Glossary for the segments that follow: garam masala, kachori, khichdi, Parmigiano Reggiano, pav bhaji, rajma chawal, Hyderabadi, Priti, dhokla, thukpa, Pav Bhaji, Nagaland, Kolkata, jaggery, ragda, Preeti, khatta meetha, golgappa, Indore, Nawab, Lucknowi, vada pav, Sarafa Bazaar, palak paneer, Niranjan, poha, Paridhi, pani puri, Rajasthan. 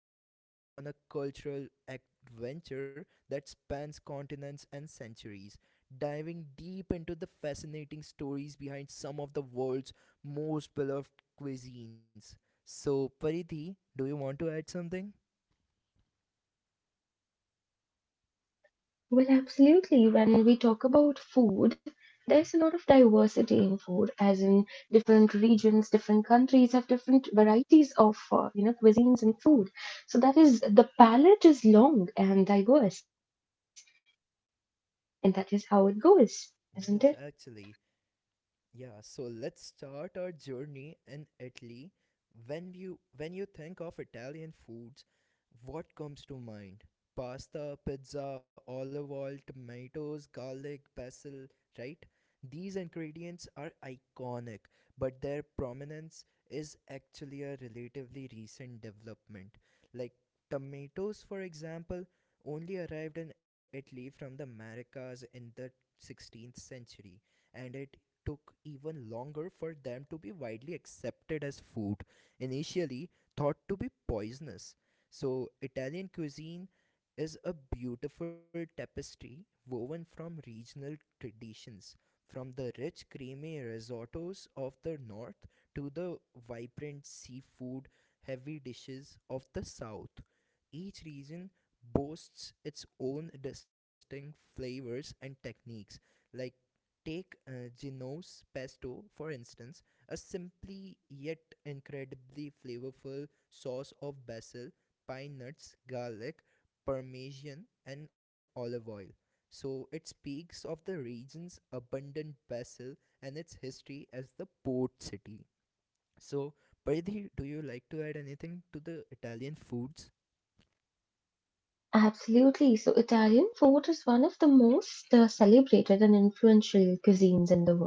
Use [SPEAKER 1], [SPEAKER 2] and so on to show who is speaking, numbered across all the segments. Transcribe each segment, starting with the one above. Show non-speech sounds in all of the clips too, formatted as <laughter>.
[SPEAKER 1] We're embarking on a cultural adventure that spans continents and centuries, diving deep into the fascinating stories behind of the world's most beloved cuisines. So, Paridhi, do you want to add something?
[SPEAKER 2] Well, absolutely. When we talk about food, there's a lot of diversity in food, as in different regions, different countries have different varieties of cuisines and food. So that is the palette is long and diverse, and that is how it goes, isn't it?
[SPEAKER 1] Yes, actually. Yeah, so let's start our journey in Italy. When you think of Italian foods, what comes to mind? Pasta, pizza, olive oil, tomatoes, garlic, basil, right? These ingredients are iconic, but their prominence is actually a relatively recent development. Like tomatoes, for example, only arrived in Italy from the Americas in the 16th century, and it took even longer for them to be widely accepted as food, initially thought to be poisonous. So, Italian cuisine is a beautiful tapestry woven from regional traditions, from the rich, creamy risottos of the north to the vibrant seafood heavy dishes of the south. Each region boasts its own distinct flavors and techniques, like take Geno's pesto, for instance, a simply yet incredibly flavorful sauce of basil, pine nuts, garlic, parmesan, and olive oil. So it speaks of the region's abundant basil and its history as the port city. So, Paridhi, do you like to add anything to the Italian foods?
[SPEAKER 2] Absolutely. So, Italian food is one of the most celebrated and influential cuisines in the world.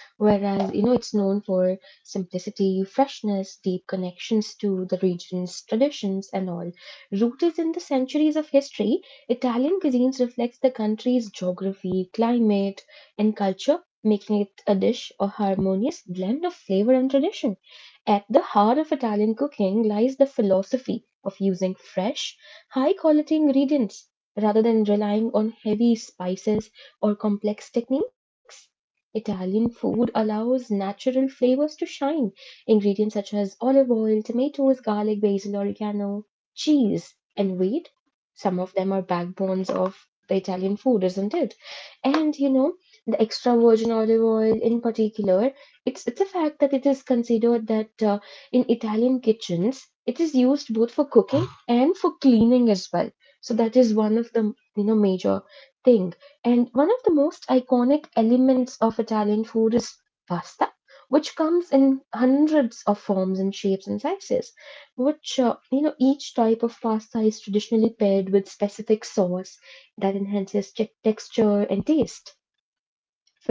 [SPEAKER 2] Whereas, you know, it's known for simplicity, freshness, deep connections to the region's traditions, and all. Rooted in the centuries of history, Italian cuisines reflects the country's geography, climate, and culture, making it a dish, a harmonious blend of flavor and tradition. At the heart of Italian cooking lies the philosophy of using fresh, high quality ingredients rather than relying on heavy spices or complex techniques. Italian food allows natural flavors to shine. Ingredients such as olive oil, tomatoes, garlic, basil, oregano, cheese, and wheat. Some of them are backbones of the Italian food, isn't it? And you know, the extra virgin olive oil in particular it's a fact that it is considered that in Italian kitchens it is used both for cooking <gasps> and for cleaning as well. So that is one of the you know major thing. And one of the most iconic elements of Italian food is pasta, which comes in hundreds of forms and shapes and sizes. Which you know each type of pasta is traditionally paired with specific sauce that enhances texture and taste.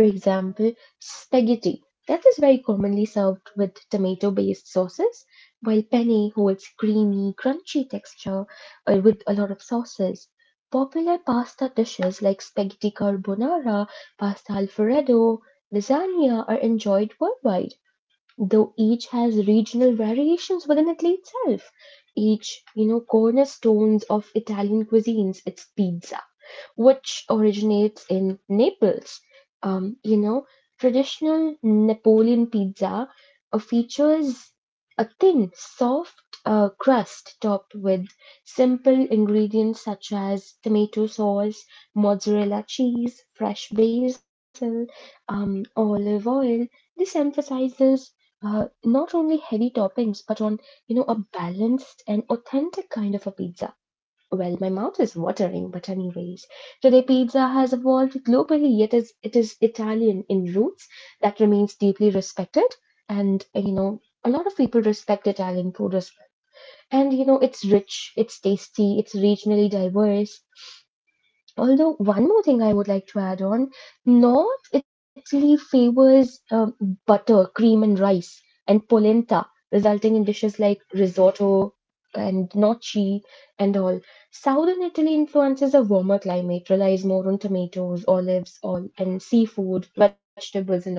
[SPEAKER 2] For example, spaghetti that is very commonly served with tomato-based sauces, while penne holds creamy, crunchy texture with a lot of sauces. Popular pasta dishes like spaghetti carbonara, pasta alfredo, lasagna are enjoyed worldwide, though each has regional variations within Italy itself. Each, you know, cornerstones of Italian cuisines, it's pizza which originates in Naples. Um, you know, Traditional Napoleon pizza features a thin, soft crust topped with simple ingredients such as tomato sauce, mozzarella cheese, fresh basil, olive oil. This emphasizes not only heavy toppings but on you know a balanced and authentic kind of a pizza. Well, my mouth is watering, but anyways, today pizza has evolved globally, yet is it is Italian in roots that remains deeply respected, and you know a lot of people respect Italian food as well. And you know it's rich, it's tasty, it's regionally diverse. Although one more thing I would like to add on, North Italy favors butter, cream, and rice, and polenta, resulting in dishes like risotto and gnocchi and all. Southern Italy influences a warmer climate, relies more on tomatoes, olives, all and seafood, vegetables, and all.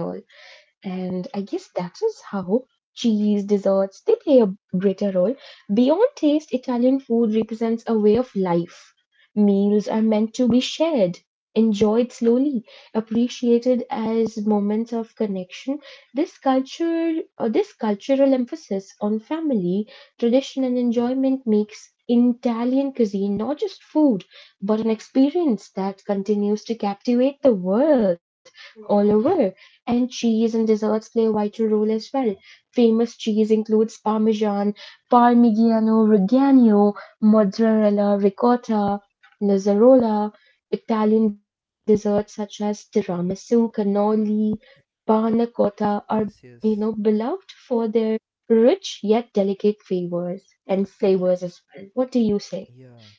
[SPEAKER 2] And I guess that is how cheese, desserts, they play a greater role. Beyond taste, Italian food represents a way of life. Meals are meant to be shared, enjoyed slowly, appreciated as moments of connection. This culture, or this cultural emphasis on family, tradition, and enjoyment makes Italian cuisine not just food, but an experience that continues to captivate the world all over. And cheese and desserts play a vital role as well. Famous cheese includes Parmesan, Parmigiano Reggiano, Mozzarella Ricotta, Lazzarola. Italian desserts such as tiramisu, cannoli, panna cotta are you
[SPEAKER 1] Yes,
[SPEAKER 2] know
[SPEAKER 1] yes.
[SPEAKER 2] beloved for their rich yet delicate flavors and flavors as well. What do you say?
[SPEAKER 1] Yeah,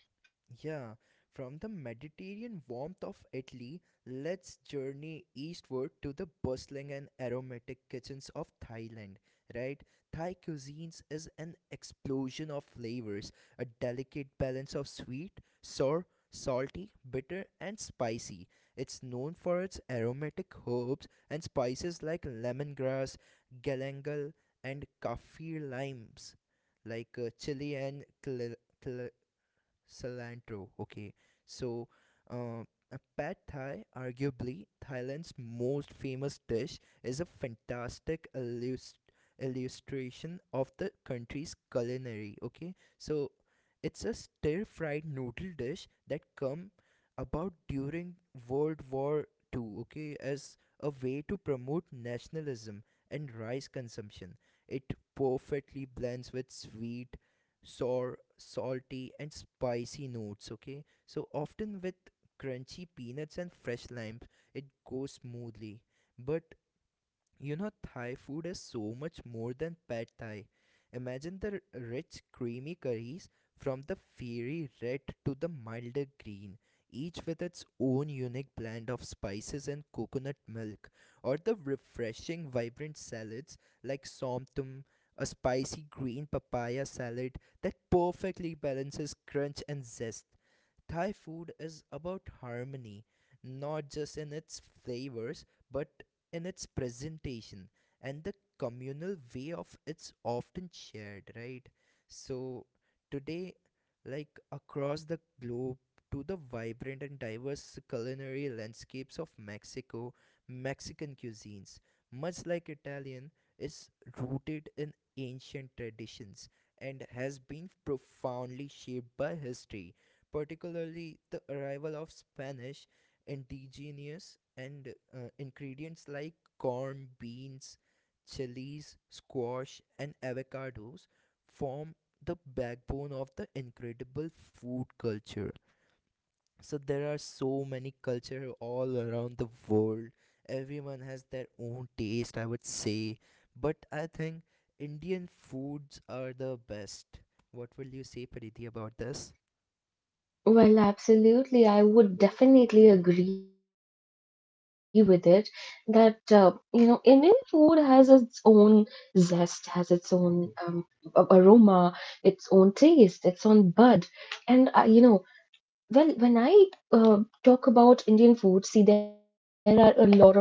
[SPEAKER 1] yeah. From the Mediterranean warmth of Italy, let's journey eastward to the bustling and aromatic kitchens of Thailand, right? Thai cuisines is an explosion of flavors, a delicate balance of sweet, sour, salty, bitter, and spicy. It's known for its aromatic herbs and spices like lemongrass, galangal, and kaffir limes, like chili and cilantro. Okay, so uh, a pad Thai, arguably Thailand's most famous dish, is a fantastic illustration of the country's culinary. Okay, so it's a stir-fried noodle dish that come about during World War II. Okay, as a way to promote nationalism and rice consumption. It perfectly blends with sweet sour, salty, and spicy notes. Okay, so often with crunchy peanuts and fresh limes, it goes smoothly. But Thai food is so much more than pad Thai. Imagine the rich, creamy curries, from the fiery red to the milder green, each with its own unique blend of spices and coconut milk, or the refreshing, vibrant salads like somtum, a spicy green papaya salad that perfectly balances crunch and zest. Thai food is about harmony, not just in its flavors, but in its presentation and the communal way of it's often shared, right? So today, like, across the globe to the vibrant and diverse culinary landscapes of Mexico. Mexican cuisines, much like Italian, is rooted in ancient traditions and has been profoundly shaped by history, particularly the arrival of Spanish indigenous, and ingredients like corn, beans, chilies, squash, and avocados form the backbone of the incredible food culture. So there are so many culture all around the world. Everyone has their own taste, I would say, but I think Indian foods are the best. What will you say, Priti, about this?
[SPEAKER 2] Well, absolutely. I would definitely agree with it that, you know, Indian food has its own zest, has its own aroma, its own taste, its own bud. And, you know, well, when I uh, talk about Indian food, see, there are a lot of diversities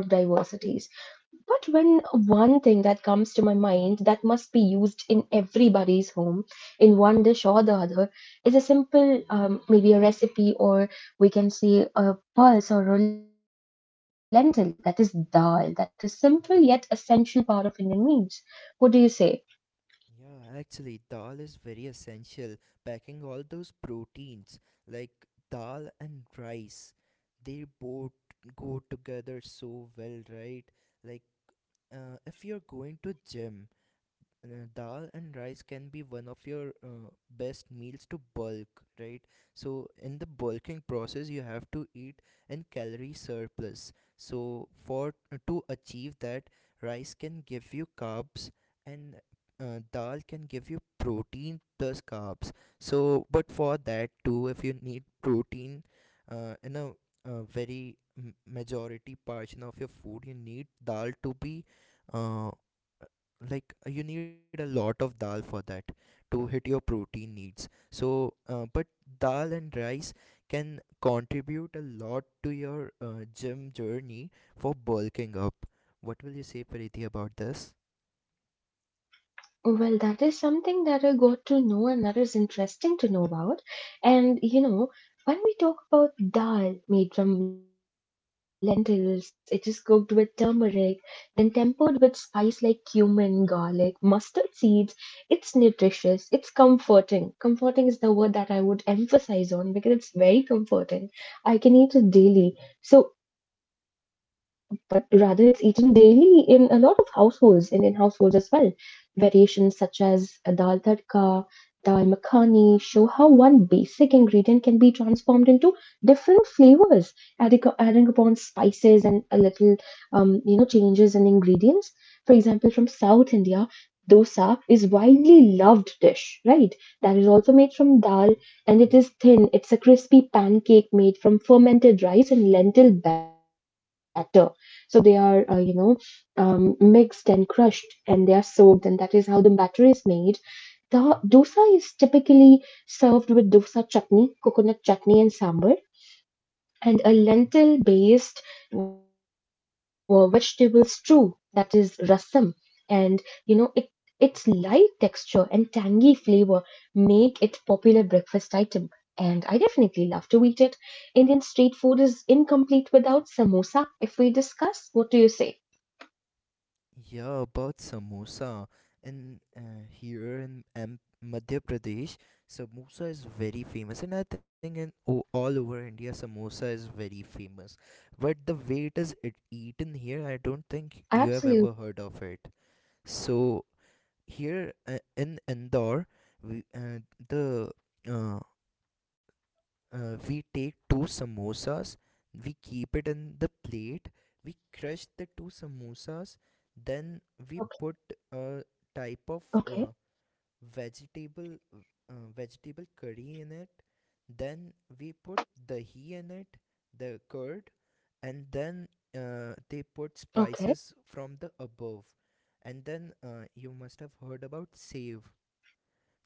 [SPEAKER 2] but when one thing that comes to my mind that must be used in everybody's home, in one dish or the other, is a simple, maybe a recipe, or we can say a pulse or a lentil. That is dal. That is simple yet essential part of Indian meals. What do you say?
[SPEAKER 1] Yeah, actually, dal is very essential. Packing all those proteins like dal and rice, they both go together so well, right? Like, if you're going to gym, dal and rice can be one of your best meals to bulk, right? So in the bulking process you have to eat in calorie surplus, so for to achieve that, rice can give you carbs, and dal can give you protein plus carbs. So but for that too, if you need protein in a very majority portion of your food, you need dal to be, uh, like, you need a lot of dal for that, to hit your protein needs. So but dal and rice can contribute a lot to your gym journey for bulking up. What will you say, Preeti, about this?
[SPEAKER 2] Well, that is something that I got to know and that is interesting to know about. And you know, when we talk about dal made from lentils, it is cooked with turmeric, then tempered with spice like cumin, garlic, mustard seeds. It's nutritious, it's comforting. Comforting is the word that I would emphasize on because it's very comforting. I can eat it daily. So, but rather it's eaten daily in a lot of households, Indian households as well variations such as dal tadka Makani show how one basic ingredient can be transformed into different flavors, adding upon spices and a little, you know, changes in ingredients. For example, from South India, dosa is widely loved dish, right? That is also made from dal and it is thin. It's a crispy pancake made from fermented rice and lentil batter. So they are, you know, mixed and crushed and they are soaked and that is how the batter is made the dosa is typically served with dosa chutney, coconut chutney, and sambar, and a lentil based vegetable stew that is rasam. And you know, it its light texture and tangy flavor make it popular breakfast item. And I definitely love to eat it. Indian street food is incomplete without samosa. If we discuss, what do you say?
[SPEAKER 1] Yeah, about samosa. And here in Madhya Pradesh, samosa is very famous. And I think in all over India, samosa is very famous. But way it is it eaten here, I
[SPEAKER 2] Absolutely.
[SPEAKER 1] don't think you have ever heard of it. So here, in Indore, we, uh, the uh, we take two samosas, we keep it in the plate, we crush the two samosas,
[SPEAKER 2] Okay.
[SPEAKER 1] then we put a
[SPEAKER 2] Okay.
[SPEAKER 1] type of vegetable vegetable curry in it, then we put dahi in it, the curd, and then
[SPEAKER 2] Okay.
[SPEAKER 1] they put spices from the above. And then you must have heard about save.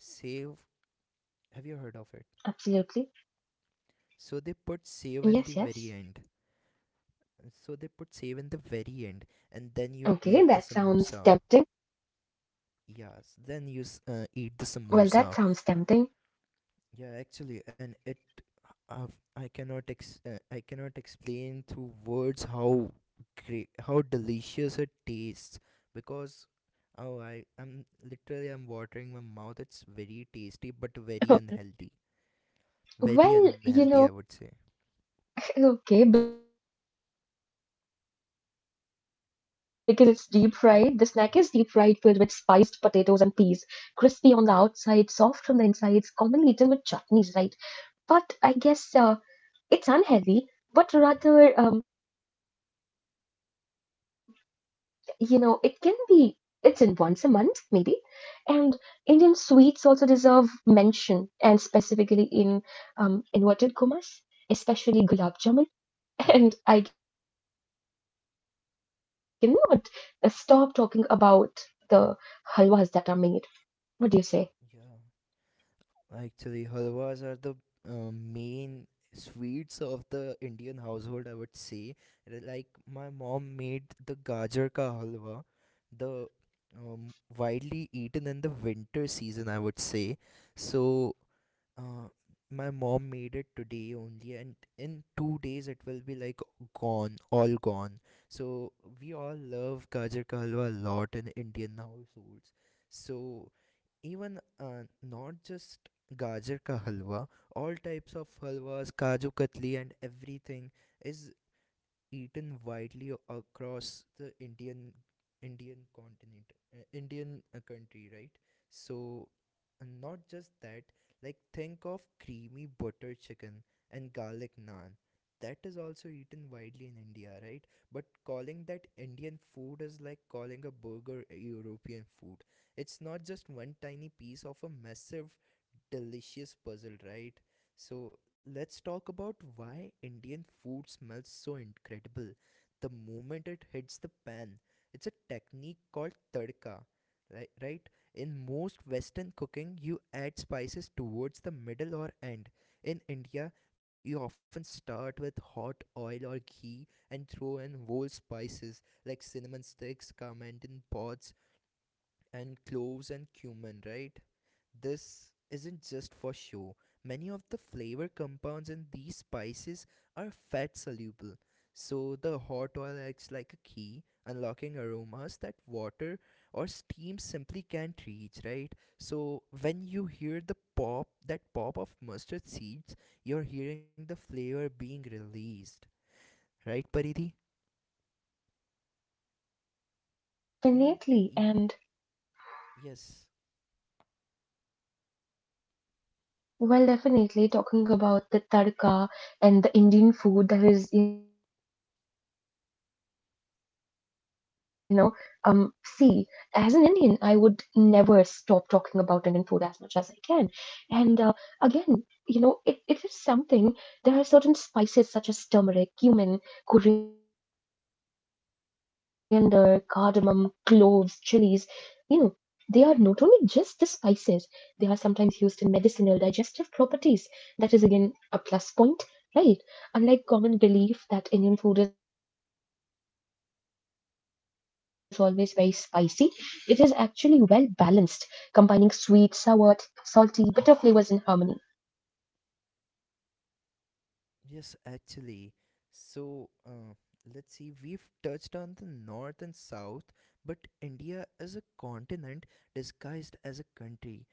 [SPEAKER 1] Save, have you heard of it?
[SPEAKER 2] Absolutely.
[SPEAKER 1] So they put
[SPEAKER 2] Yes.
[SPEAKER 1] save in
[SPEAKER 2] Yes.
[SPEAKER 1] the very end. So they put save in the very end,
[SPEAKER 2] Okay,
[SPEAKER 1] and
[SPEAKER 2] that
[SPEAKER 1] then you
[SPEAKER 2] sounds
[SPEAKER 1] eat the
[SPEAKER 2] tempting.
[SPEAKER 1] samosa. Yes, then you eat
[SPEAKER 2] Well,
[SPEAKER 1] the
[SPEAKER 2] that sounds
[SPEAKER 1] samosa.
[SPEAKER 2] tempting.
[SPEAKER 1] Yeah, actually, and uh, I cannot explain through words how great, how delicious it tastes, because oh, I am literally I'm watering my mouth. It's very tasty but very unhealthy.
[SPEAKER 2] <laughs>
[SPEAKER 1] Very unhealthy, I would say.
[SPEAKER 2] Well, you know, <laughs> okay, because it's deep fried. The snack is deep fried, filled with spiced potatoes and peas, crispy on the outside, soft on the insides, commonly eaten with chutneys, right? But I guess it's unhealthy, but rather you know, it can be, it's in once a month, maybe. And Indian sweets also deserve mention, and specifically in inverted commas, especially gulab jamun. <laughs> And I cannot stop talking about the halwas that are made. What do you say?
[SPEAKER 1] Yeah. Actually, halwas are the main sweets of the Indian household, I would say. Like, my mom made the gajar ka halwa, the widely eaten in the winter season, I would say. So, uh, my mom made it today only, and in 2 days it will be like gone, all gone. So we all love gajar ka halwa a lot in Indian households. So even, not just gajar ka halwa, all types of halwas, kaju katli, and everything is eaten widely across the Indian Indian continent, Indian country, right? So, and not just that, like, think of creamy butter chicken and garlic naan. That is also eaten widely in India, right? But calling that Indian food is like calling a burger a European food. It's not just one tiny piece of a massive, delicious puzzle, right? So let's talk about why Indian food smells so incredible the moment it hits the pan. It's a technique called tadka. Right, right? In most Western cooking, you add spices towards the middle or end. In India, you often start with hot oil or ghee and throw in whole spices like cinnamon sticks, coriander pods, and cloves and cumin, right? This isn't just for show. Many of the flavor compounds in these spices are fat soluble, so the hot oil acts like a key, unlocking aromas that water or steam simply can't reach, right? So when you hear the pop, that pop of mustard seeds, you're hearing the flavor being released, right, Paridhi?
[SPEAKER 2] Well,
[SPEAKER 1] And
[SPEAKER 2] definitely.
[SPEAKER 1] ev-
[SPEAKER 2] And
[SPEAKER 1] yes,
[SPEAKER 2] Well, definitely talking about the tadka and the Indian food that is, you know, see, as an Indian, I would never stop talking about Indian food as much as I can. And again, you know, it is something, there are certain spices such as turmeric, cumin, coriander, cardamom, cloves, chilies you know, they are not only just the spices, they are sometimes used in medicinal, digestive properties. That is again a plus point, right? Unlike common belief that Indian food is always very spicy, it is actually well balanced, combining sweet, sour, salty, bitter flavors in harmony.
[SPEAKER 1] Yes, actually. So, let's see, we've touched on the north and south, but India is a continent disguised as a country.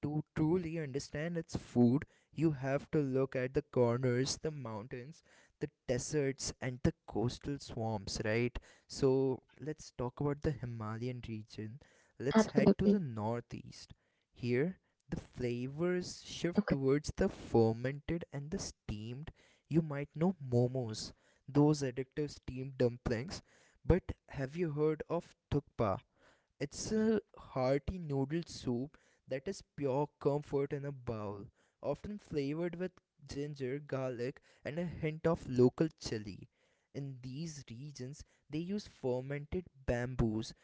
[SPEAKER 1] To truly understand its food, you have to look at the corners, the mountains, the deserts, and the coastal swamps, right? So, let's
[SPEAKER 2] Absolutely.
[SPEAKER 1] talk about the Himalayan region. Let's head to the northeast. Here,
[SPEAKER 2] Okay.
[SPEAKER 1] the flavors shift towards the fermented and the steamed. You might know momos, those addictive steamed dumplings, but have you heard of thukpa? It's a hearty noodle soup that is pure comfort in a bowl, often flavored with ginger, garlic, and a hint of local chili. In these regions, they use fermented bamboos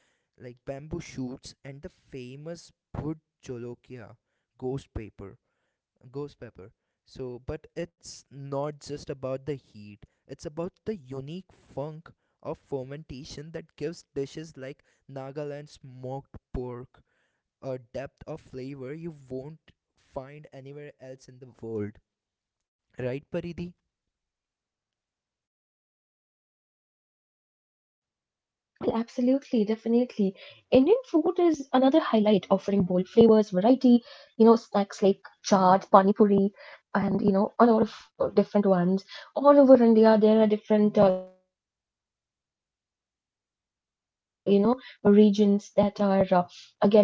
[SPEAKER 1] like bamboo shoots, and the famous bhut jolokia, ghost paper ghost pepper. So, but it's not just about the heat, it's about the unique funk of fermentation that gives dishes like Nagaland smoked pork a depth of flavor you won't find anywhere else in the world. Right, Paridhi?
[SPEAKER 2] Absolutely, definitely. Indian food is another highlight, offering bold flavors, variety, you know, snacks like chaat, pani puri, and you know, a lot of different ones. All over India, there are different, you know, regions that are again, they have different variety of foods, and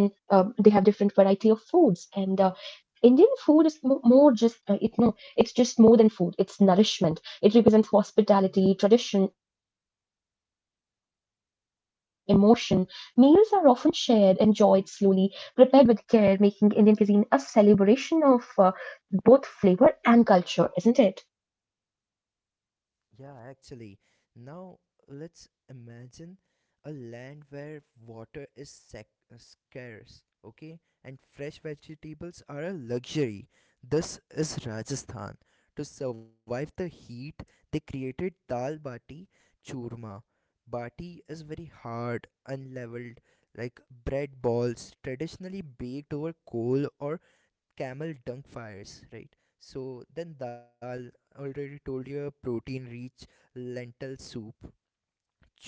[SPEAKER 2] Indian food is more just it no it's just more than food it's nourishment it represents hospitality tradition emotion meals are often shared enjoyed slowly prepared with care making Indian cuisine a celebration of both flavor and culture isn't it.
[SPEAKER 1] Yeah, actually. Now let's imagine a land where water is sec scarce, okay, and fresh vegetables are a luxury. This is Rajasthan. To survive the heat, they created dal bati churma. Bati is very hard, unleavened, like bread balls, traditionally baked over coal or camel dung fires, right? So then dal, already told you, a protein-rich lentil soup;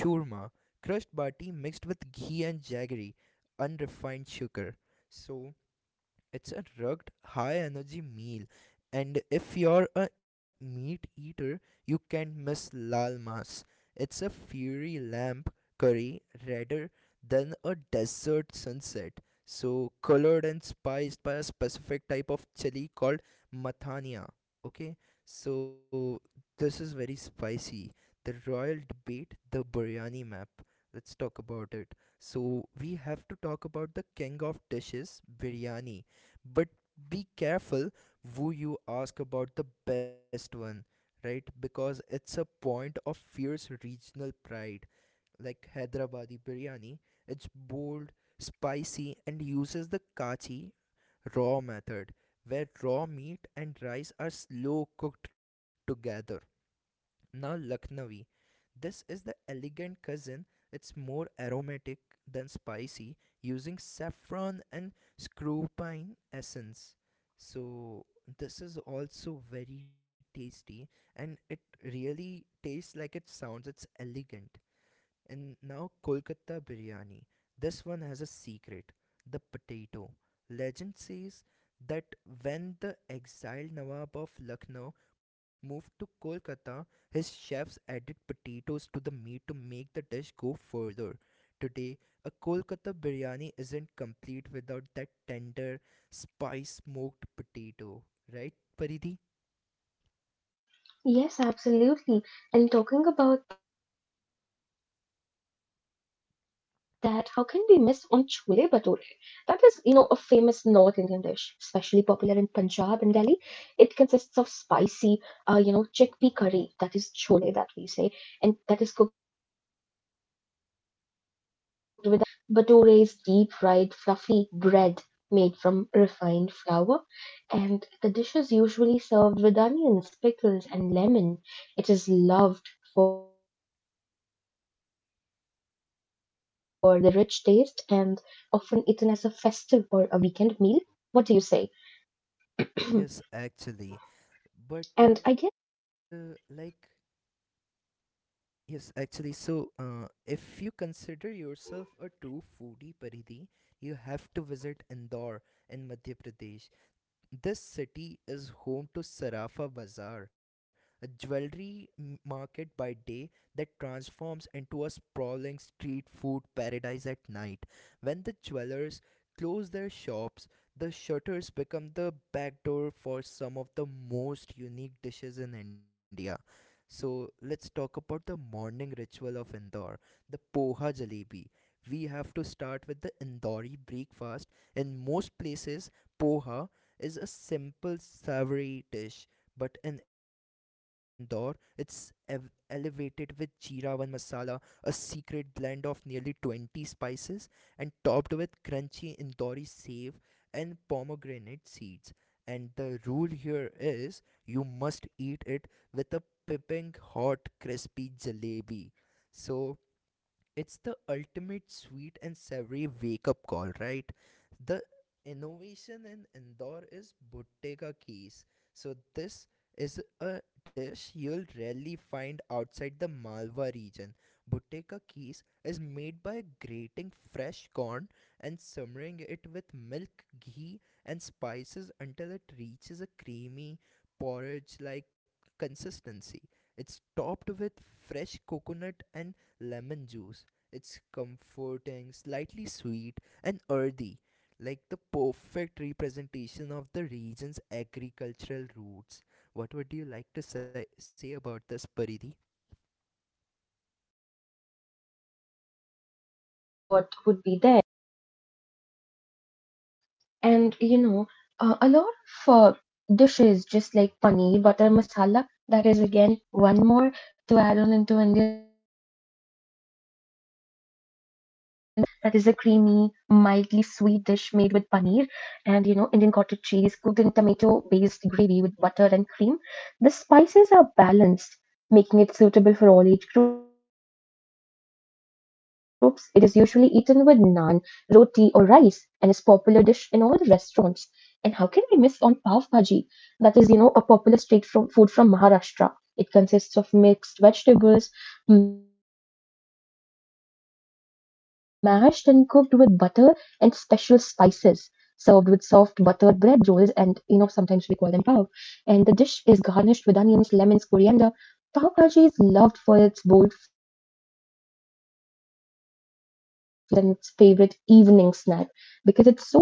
[SPEAKER 1] churma, crushed bati mixed with ghee and jaggery, unrefined sugar. So it's a rugged, high energy meal, and if you're a meat eater, you can't miss lal mas. It's a fiery lamp curry, redder than a desert sunset. So colored and spiced by a specific type of chili called mathania. Okay, so this is very spicy. The royal debate, the biryani map. Let's talk about it. So we have to talk about the king of dishes, biryani, but be careful who you ask about the best one, right? Because it's a point of fierce regional pride. Like Hyderabadi biryani, it's bold, spicy, and uses the kachi raw method, where raw meat and rice are slow cooked together. Now, Lucknowi. This is the elegant cousin. It's more aromatic than spicy, using saffron and screw pine essence. So, this is also very tasty, and it really tastes like it sounds. It's elegant. And now, Kolkata biryani. This one has a secret, the potato. Legend says that when the exiled Nawab of Lucknow moved to Kolkata, his chefs added potatoes to the meat to make the dish go further. Today, a Kolkata biryani isn't complete without that tender, spice smoked potato, right, Paridhi?
[SPEAKER 2] Yes, absolutely. And talking about that, how can we miss on chole bhature? That is, you know, a famous North Indian dish, especially popular in Punjab and Delhi. It consists of spicy, you know, chickpea curry, that is chole that we say, and that is cooked with onions, tomatoes, and aromatic spices like cumin and garam masala. Bhature is deep fried, fluffy bread made from refined flour and the dish is usually served with onions, pickles, and lemon. It is loved for the rich taste and often eaten as a festive or a weekend meal. What do you say? <clears throat> And
[SPEAKER 1] Yes,
[SPEAKER 2] I guess,
[SPEAKER 1] actually. But, like, Yes, actually, so If you consider yourself a true foodie, Paridhi, you have to visit Indore in Madhya Pradesh. This city is home to Sarafa Bazaar, a jewelry market by day that transforms into a sprawling street food paradise at night. When the jewelers close their shops, the shutters become the backdoor for some of the most unique dishes in India. So let's talk about the morning ritual of Indore, the Poha Jalebi. We have to start with the Indori breakfast. In most places, poha is a simple savory dish, but in Indore, it's elevated with jeera one masala, a secret blend of nearly 20 spices, and topped with crunchy Indori save and pomegranate seeds. And the rule here is you must eat it with a piping hot crispy jalebi. So it's the ultimate sweet and savory wake up call, right? The innovation in Indore is Bhutteka Keys. So this is a dish you'll rarely find outside the Malwa region. Bhutteka Keys is made by grating fresh corn and simmering it with milk, ghee, and spices until it reaches a creamy porridge like consistency. It's topped with fresh coconut and lemon juice. It's comforting, slightly sweet, and earthy, like the perfect representation of the region's agricultural roots. What would you like to say about this, Paridhi?
[SPEAKER 2] well, that is, I could definitely imagine what would be there. And you know, a lot of dishes just like paneer butter masala, that is again one more to add on into Indian. That is a creamy, mildly sweet dish made with paneer and, you know, Indian cottage cheese cooked in tomato-based gravy with butter and cream. The spices are balanced, making it suitable for all age groups. It is usually eaten with naan, roti, or rice and is popular dish in all the restaurants. And how can we miss on pav bhaji? That is, you know, a popular state from food from Maharashtra. It consists of mixed vegetables, mashed and cooked with butter and special spices, served with soft buttered bread rolls and you know sometimes we call them pav. And the dish is garnished with onions, lemons, coriander. Pav bhaji is loved for its bold flavor and its favorite evening snack because it's so you know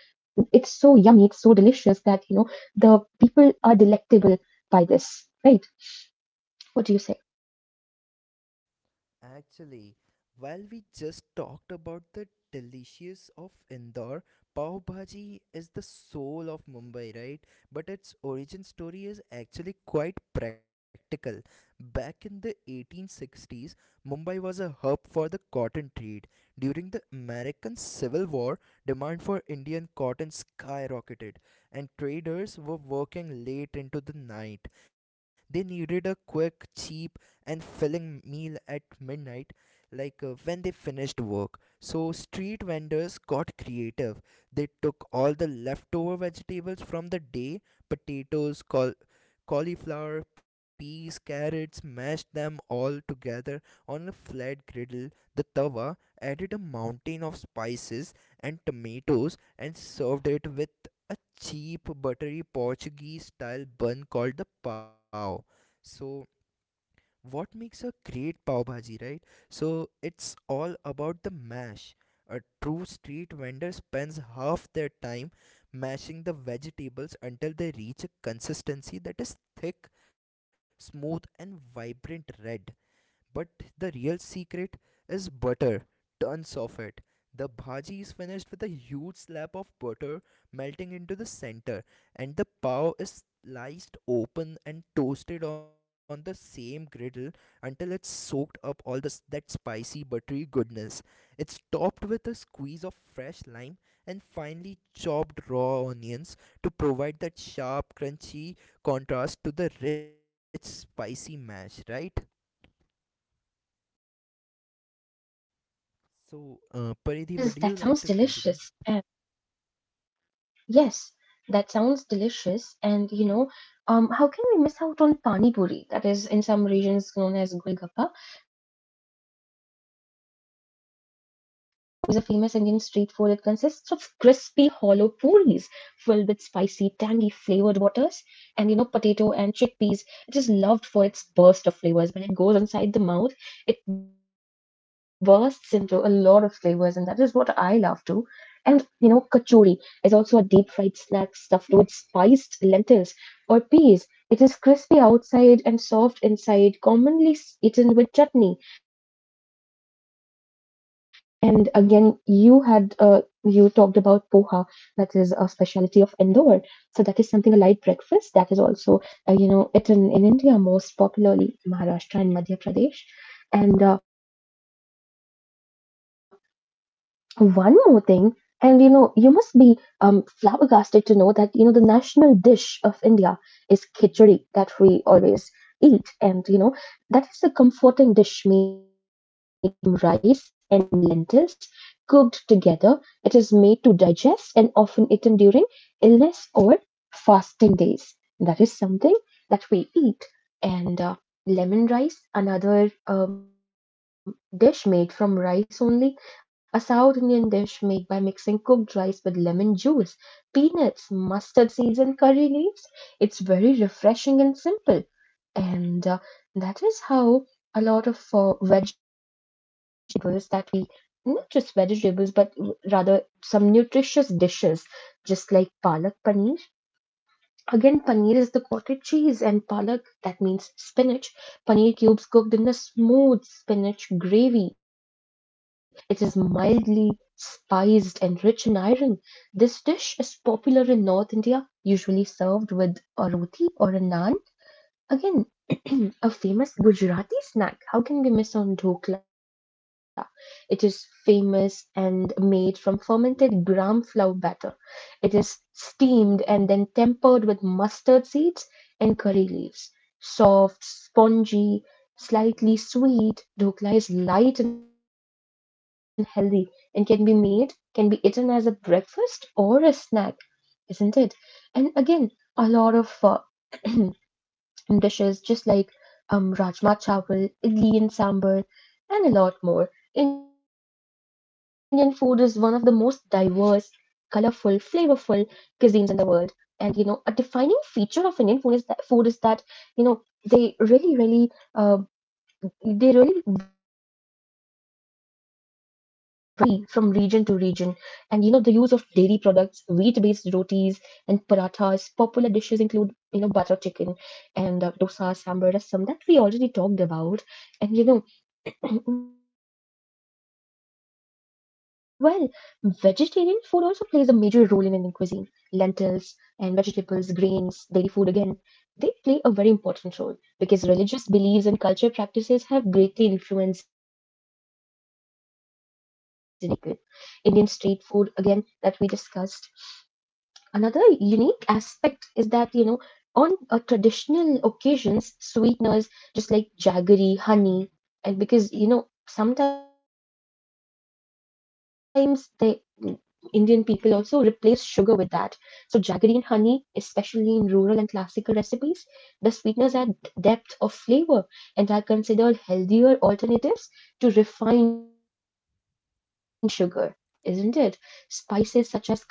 [SPEAKER 2] it's so yummy, it's so delicious that you know the people are delectable by this, right? What do you say?
[SPEAKER 1] Actually, while we just talked about the delicious of Indore, Pav Bhaji is the soul of Mumbai, right? But its origin story is actually quite practical. Back in the 1860s, Mumbai was a hub for the cotton trade. During the American Civil War, demand for Indian cotton skyrocketed, and traders were working late into the night. They needed a quick, cheap, and filling meal at midnight, like when they finished work. So, street vendors got creative. They took all the leftover vegetables from the day, potatoes, cauliflower, peas, carrots, mashed them all together on a flat griddle. The tawa added a mountain of spices and tomatoes and served it with a cheap buttery Portuguese style bun called the pao. So what makes a great pav bhaji, right? So it's all about the mash. A true street vendor spends half their time mashing the vegetables until they reach a consistency that is thick, smooth, and vibrant red. But the real secret is butter, tons of it. The bhaji is finished with a huge slab of butter melting into the center, and the pav is sliced open and toasted on the same griddle until it's soaked up all this that spicy buttery goodness. It's topped with a squeeze of fresh lime and finely chopped raw onions to provide that sharp, crunchy contrast to the rich, spicy mash, right? So, Paridhi, would
[SPEAKER 2] Well,
[SPEAKER 1] you like
[SPEAKER 2] that
[SPEAKER 1] to
[SPEAKER 2] is that
[SPEAKER 1] continue?
[SPEAKER 2] sounds delicious. Yes, that sounds delicious. And you know, how can we miss out on pani puri? That is, in some regions known as golgappa, is a famous Indian street food that consists of crispy, hollow puris filled with spicy, tangy, flavored waters, and potato and chickpeas. It is loved for its burst of flavors when it goes inside the mouth. It bursts into a lot of flavors, and that is what I love too. And kachori is also a deep fried snack stuffed with spiced lentils or peas. It is crispy outside and soft inside, commonly eaten with chutney. And again, you talked about poha, that is a specialty of Indore. So that is something a light breakfast that is also eaten in India most popularly Maharashtra and Madhya Pradesh. And one more thing, and you must be flabbergasted to know that the national dish of India is khichdi that we always eat, and that is a comforting dish made from rice and lentils cooked together. It is made to digest and often eaten during illness or fasting days. That is something that we eat, and lemon rice, another dish made from rice only, a South Indian dish made by mixing cooked rice with lemon juice, peanuts, mustard seeds, and curry leaves. It's very refreshing and simple. And that is how a lot of vegetables that we not just vegetables but rather some nutritious dishes just like palak paneer. Again, paneer is the cottage cheese and palak, that means spinach. Paneer cubes cooked in a smooth spinach gravy. It is mildly spiced and rich in iron. This dish is popular in North India, usually served with a roti or a naan. Again, <clears throat> a famous Gujarati snack. How can we miss on dhokla? It is famous and made from fermented gram flour batter. It is steamed and then tempered with mustard seeds and curry leaves. Soft, spongy, slightly sweet, dhokla is light and healthy and can be eaten as a breakfast or a snack, isn't it? And again, a lot of <clears throat> dishes just like rajma chawal, idli and sambar, and a lot more. Indian food is one of the most diverse, colorful, flavorful cuisines in the world. And a defining feature of Indian food is that you know they really, really um, they really vary from region to region. And the use of dairy products, wheat-based rotis and parathas. Popular dishes include, butter chicken and dosa, sambar, rasam that we already talked about. And well, vegetarian food also plays a major role in Indian cuisine. Lentils and vegetables, grains, dairy food again they play a very important role because religious beliefs and culture practices have greatly influenced Indian people. Indian street food again that we discussed. Another unique aspect is that, on traditional occasions, sweeteners just like jaggery, honey, and because, sometimes the Indian people also replace sugar with that. So, jaggery and honey, especially in rural and classical recipes, the sweeteners add depth of flavor and are considered healthier alternatives to refined sugar, isn't it? Spices such as cardamom, saffron,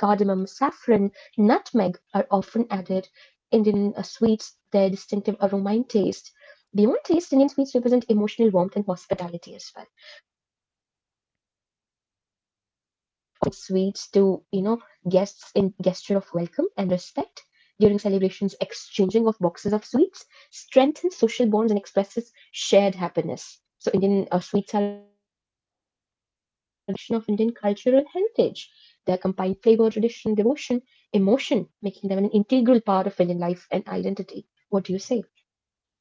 [SPEAKER 2] nutmeg are often added Indian sweets, their distinctive aroma taste. Beyond taste, Indian sweets represent emotional warmth and hospitality as well sweets to guests in gesture of welcome and respect during celebrations exchanging of boxes of sweets strengthens social bonds and expresses shared happiness so Indian sweets are a reflection of Indian cultural heritage they combine flavor tradition devotion emotion making them an integral part of Indian life and identity. What do you say?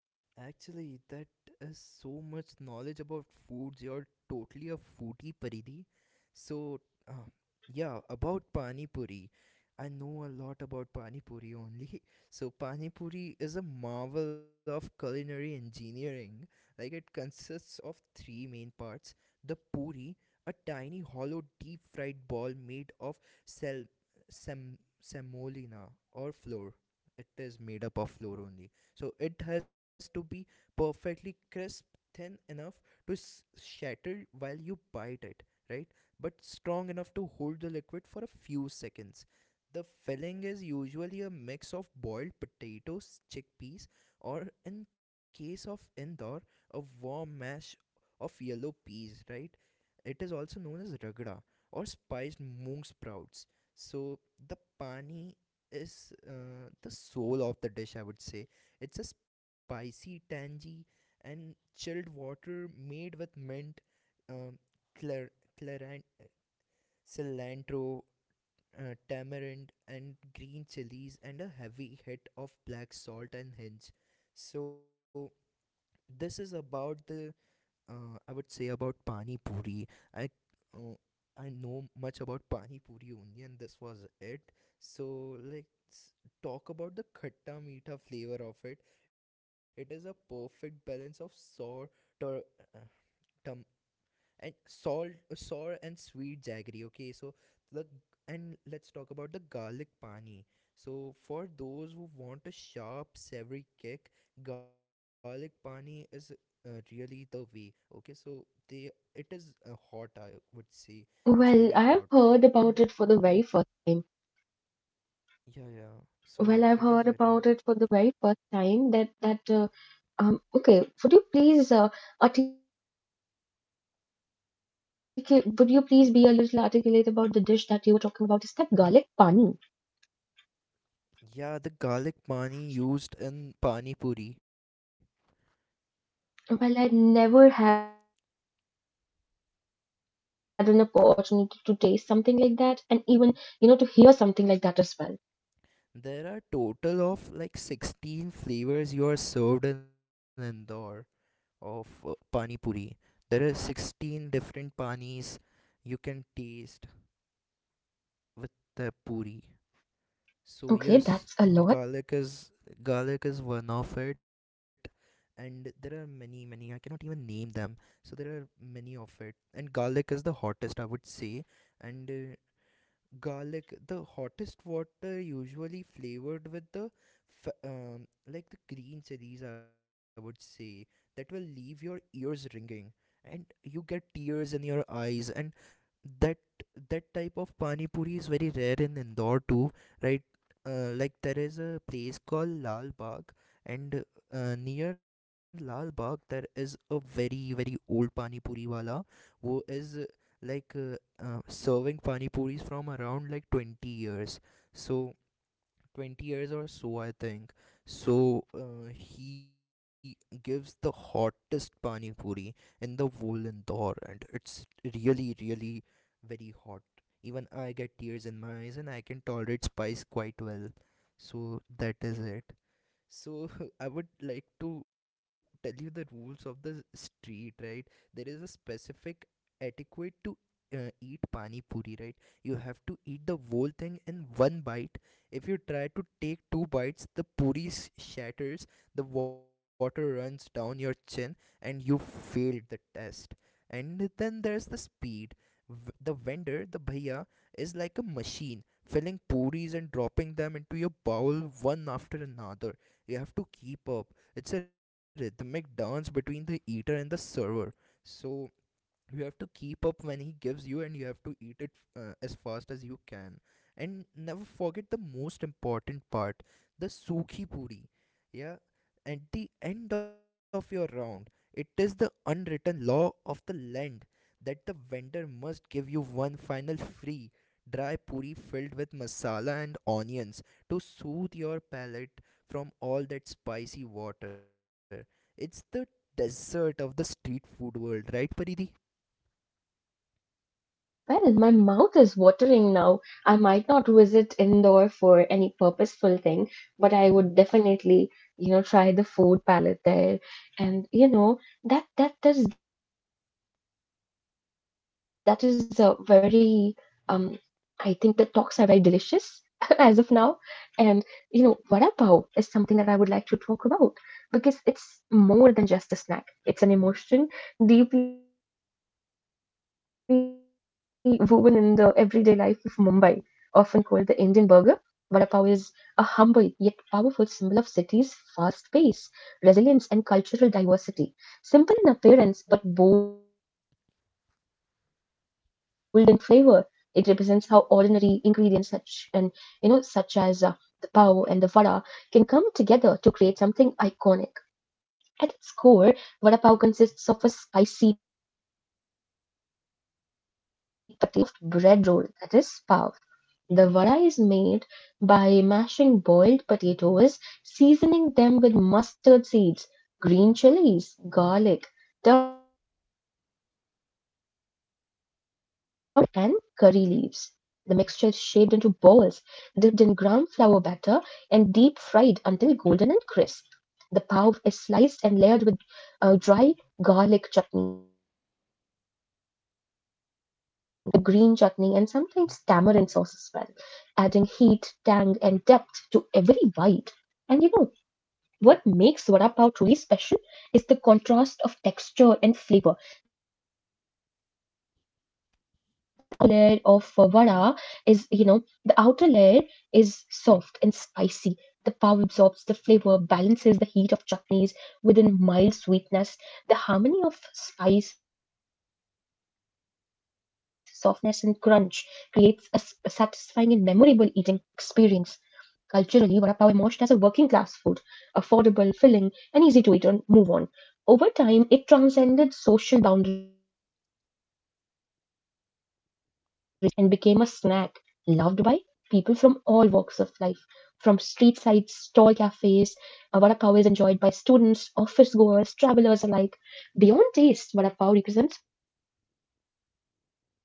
[SPEAKER 1] Actually, that is so much knowledge about foods. You're totally a foodie, Paridi. So, uh, yeah, about Pani Puri. I know a lot about Pani Puri only. <laughs> So, Pani Puri is a marvel of culinary engineering. Like, it consists of three main parts, the puri, a tiny hollow deep fried ball made of semolina or flour. It is made up of flour only, so it has to be perfectly crisp, thin enough to shatter while you bite it, right? But strong enough to hold the liquid for a few seconds. The filling is usually a mix of boiled potatoes, chickpeas, or in case of Indore, a warm mash of yellow peas, right? It is also known as ragda or spiced moong sprouts. So the pani is the soul of the dish, I would say. It's a spicy, tangy, and chilled water made with mint, um, clar- claran- cilantro, tamarind, and green chilies, and a heavy hit of black salt and hinge. So this is about the I would say about Pani Puri. I uh, I know much about Pani Puri only, and this was it. So let's talk about the khatta meetha flavor of it. It is a perfect balance of sour, tur- uh, tum, and salt sour and sweet jaggery. Okay, so the and let's talk about the garlic pani. So for those who want a sharp savory kick, garlic pani is really the way. Okay, so they it is hot, I would say. It's
[SPEAKER 2] Well, I
[SPEAKER 1] very
[SPEAKER 2] have
[SPEAKER 1] hot.
[SPEAKER 2] heard about it for the very first time.
[SPEAKER 1] Yeah, yeah, so
[SPEAKER 2] Well,
[SPEAKER 1] it is
[SPEAKER 2] I've
[SPEAKER 1] very
[SPEAKER 2] heard
[SPEAKER 1] hot.
[SPEAKER 2] about it for the very first time. That that Okay. Would you please articulate? Would you please be a little articulate about the dish that you were talking about? Is that garlic pani?
[SPEAKER 1] Yeah, the garlic pani used in pani puri.
[SPEAKER 2] Well, I never had an opportunity to taste something like that, and even to hear something like that as well.
[SPEAKER 1] There are total of like 16 flavors you are served in Indore of pani puri. There are 16 different panis you can taste with the puri. So
[SPEAKER 2] Okay,
[SPEAKER 1] yes,
[SPEAKER 2] that's a lot.
[SPEAKER 1] garlic is garlic is one of it, and there are many I cannot even name them. So there are many of it, and garlic is the hottest, I would say. And garlic, the hottest water, usually flavored with the like the green chilies, I would say, that will leave your ears ringing, and you get tears in your eyes. And that that type of pani puri is very rare in Indore too, right? Like, there is a place called Lal Bagh, and near Lal Bagh there is a very very old pani puri wala who is like uh, serving pani puris from around like 20 years. So 20 years or so, I think. So he gives the hottest pani puri in the whole Indore, and it's really really very hot. Even I get tears in my eyes, and I can tolerate spice quite well. So that is it. So <laughs> I would like to tell you the rules of the street, right? There is a specific etiquette to eat pani puri, right? You have to eat the whole thing in one bite. If you try to take two bites, the puri shatters, the water runs down your chin, and you failed the test. And then there's the speed. The vendor, the bhaiya, is like a machine filling puris and dropping them into your bowl one after another. You have to keep up. It's a rhythmic dance between the eater and the server. So you have to keep up when he gives you, and you have to eat it as fast as you can. And never forget the most important part, the sukhi puri. Yeah, at the end of your round, it is the unwritten law of the land that must give you one final free dry puri filled with masala and onions to soothe your palate from all that spicy water. It's the dessert of the street food world, right, Paridhi?
[SPEAKER 2] Well, well, well, my mouth is watering now. I might not visit Indore for any purposeful thing, but I would definitely, try the food palette there. And that is a very um I think the talks are very delicious <laughs> as of now. And vada pav is something that I would like to talk about because it's more than just a snack. It's an emotion deeply woven in the everyday life of Mumbai. Often called the Indian burger, vada pav is a humble yet powerful symbol of city's fast pace, resilience, and cultural diversity. Simple in appearance but bold in flavor, it represents how ordinary ingredients such as the pav and the vada can come together to create something iconic. At its core, vada pav consists of a spicy potato fritter, that is vada, and that's placed inside a soft bread roll, that is pav. The vada is made by mashing boiled potatoes, seasoning them with mustard seeds, green chilies, garlic, turmeric, and curry leaves. The mixture is shaped into balls, dipped in gram flour batter, and deep fried until golden and crisp. The pav is sliced and layered with dry garlic chutney, green chutney, and sometimes tamarind sauce as well, adding heat, tang, and depth to every bite. And what makes vada pav truly special is the contrast of texture and flavor. The layer of vada is, the outer layer is soft and spicy. The pav absorbs the flavor, balances the heat of chutney within mild sweetness, the harmony of spice, softness, and crunch creates a satisfying and memorable eating experience. Culturally, vada pav emerged as a working class food, affordable, filling, and easy to eat and move on. Over time, it transcended social boundaries and became a snack loved by people from all walks of life. From street side stall cafes, vada pav is enjoyed by students, office goers, travelers alike. Beyond taste, vada pav represents spirit <clears throat> that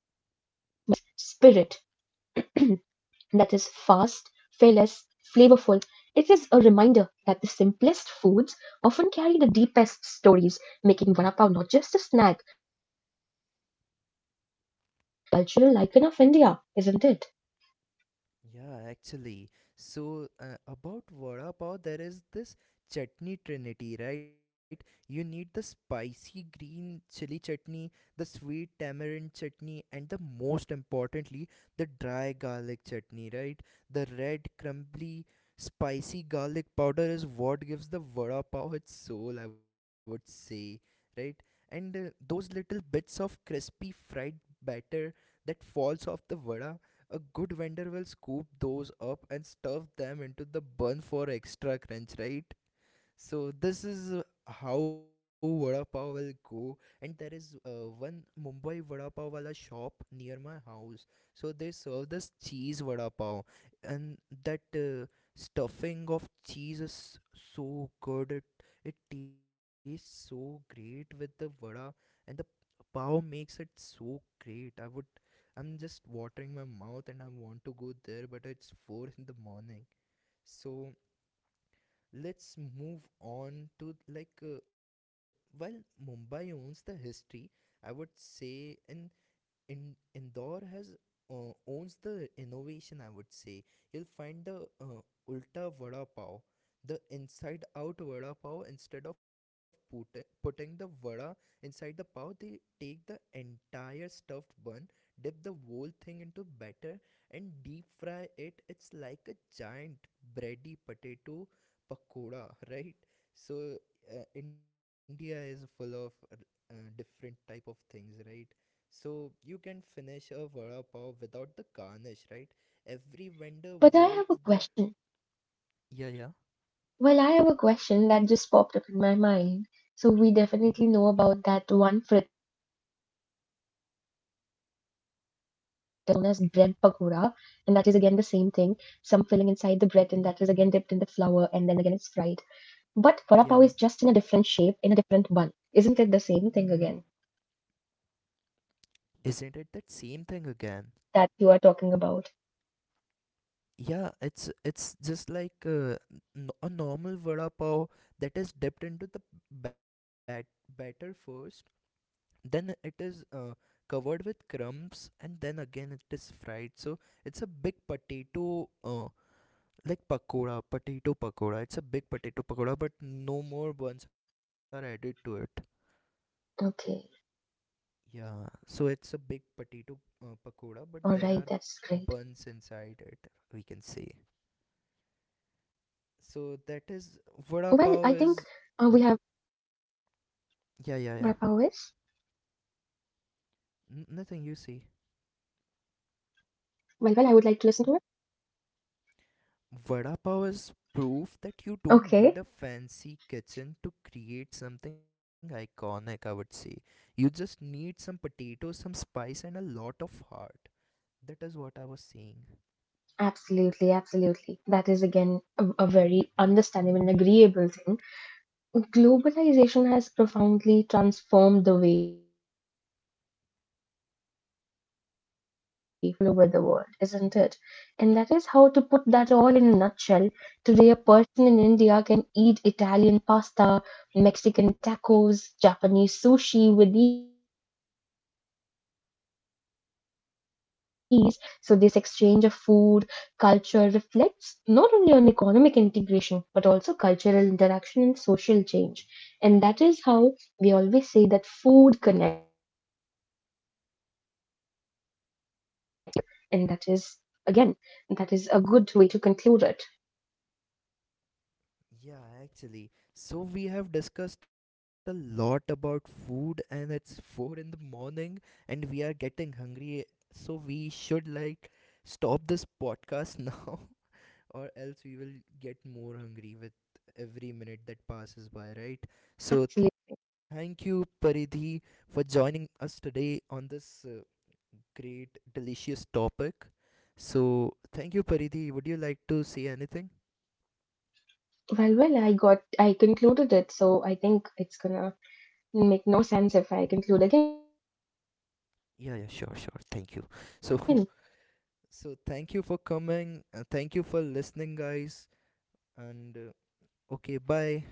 [SPEAKER 2] is fast, fearless, flavorful. It is a reminder that the simplest foods often carry the deepest stories, making vada pav not just a snack, cultural icon of India, isn't it?
[SPEAKER 1] Yeah, actually. So, about vada pav, there is this chutney trinity, right? You need the spicy green chili chutney, the sweet tamarind chutney, and the most importantly, the dry garlic chutney, right? The red, crumbly, spicy garlic powder is what gives the vada pav its soul, I would say, right? And those little bits of crispy fried batter that falls off the vada, a good vendor will scoop those up and stuff them into the bun for extra crunch, right? So this is how vada pav will go. And there is one Mumbai vada pav wala shop near my house. So they serve this cheese vada pav, and that stuffing of cheese is so good. It tastes so great with the vada, and the Pao makes it so great. I'm just watering my mouth and I want to go there, but it's 4 in the morning. So let's move on to while Mumbai owns the history, I would say, in Indore has owns the innovation, I would say. You'll find the ulta vada pav, the inside out vada pav. Instead of putting the vada inside the pav, they take the entire stuffed bun, dip the whole thing into batter, and deep fry it. It's like a giant bready potato pakoda, <laughs> right? So India is of different type of things, right? So you can finish a vada pav without the garnish, right? Every vendor
[SPEAKER 2] But I have a
[SPEAKER 1] worth their.
[SPEAKER 2] question.
[SPEAKER 1] Yeah, yeah,
[SPEAKER 2] Well, I have a question that just popped up in my mind. So we definitely know about that one fritter known as bread pakoda, and that is again the same thing. Some filling inside the bread, and that is again dipped in the flour, and then again it's fried. But vada pav is just in a different
[SPEAKER 1] yeah.
[SPEAKER 2] shape, in a different bun. Isn't it the same thing again? That means again the
[SPEAKER 1] Isn't it
[SPEAKER 2] the
[SPEAKER 1] that
[SPEAKER 2] ulta
[SPEAKER 1] same
[SPEAKER 2] vada
[SPEAKER 1] thing
[SPEAKER 2] pav
[SPEAKER 1] again?
[SPEAKER 2] that you are talking about.
[SPEAKER 1] Yeah, it's just like a normal vada pav that is dipped into the batter first, then it is covered with crumbs, and then again it is fried. So it's a big potato like pakora, potato pakora. It's a big potato pakora, but no more buns are added to it.
[SPEAKER 2] Okay, all right, that's
[SPEAKER 1] Yeah,
[SPEAKER 2] great.
[SPEAKER 1] so it's a big potato pakoda, but there are buns inside it, we can say.
[SPEAKER 2] Well, I think
[SPEAKER 1] So that is
[SPEAKER 2] we have
[SPEAKER 1] vada pav is.
[SPEAKER 2] vada
[SPEAKER 1] Yeah, yeah,
[SPEAKER 2] pav
[SPEAKER 1] yeah.
[SPEAKER 2] is. Well, well, I would
[SPEAKER 1] Nothing
[SPEAKER 2] like
[SPEAKER 1] you
[SPEAKER 2] to listen
[SPEAKER 1] see.
[SPEAKER 2] to it.
[SPEAKER 1] Vada pav
[SPEAKER 2] Okay.
[SPEAKER 1] is proof that you don't need a fancy kitchen to create something iconic, I would say. You just need some potatoes, some spice, and a lot of heart. That is what I was saying.
[SPEAKER 2] Absolutely, absolutely. That is again a very understandable and agreeable thing. Globalization has profoundly transformed the way food is produced, distributed, consumed across all over the world, isn't it? And that is how to put that all in a nutshell. Today, a person in India can eat Italian pasta, Mexican tacos, Japanese sushi with ease while Indian curries and spices are enjoyed worldwide. So, this exchange of food, culture reflects not only on economic integration but also cultural interaction and social change. And that is how we always say that food connects, and that is again, that is a good way to conclude it.
[SPEAKER 1] Yeah, actually. So we have discussed a lot about food, and it's 4 in the morning and we are getting hungry. So we should like stop this podcast <laughs> now, or else we will get more hungry with every minute that passes by, right? So
[SPEAKER 2] Absolutely.
[SPEAKER 1] thank you, Paridhi, for joining us today on this great delicious topic. So thank you, Paridhi. Would you like to say anything?
[SPEAKER 2] Well, well, I concluded it, so I think it's gonna make no sense if I conclude again.
[SPEAKER 1] Yeah, yeah, sure, sure. Thank you. So <laughs> so thank you for coming and thank you for listening, guys. And okay, bye.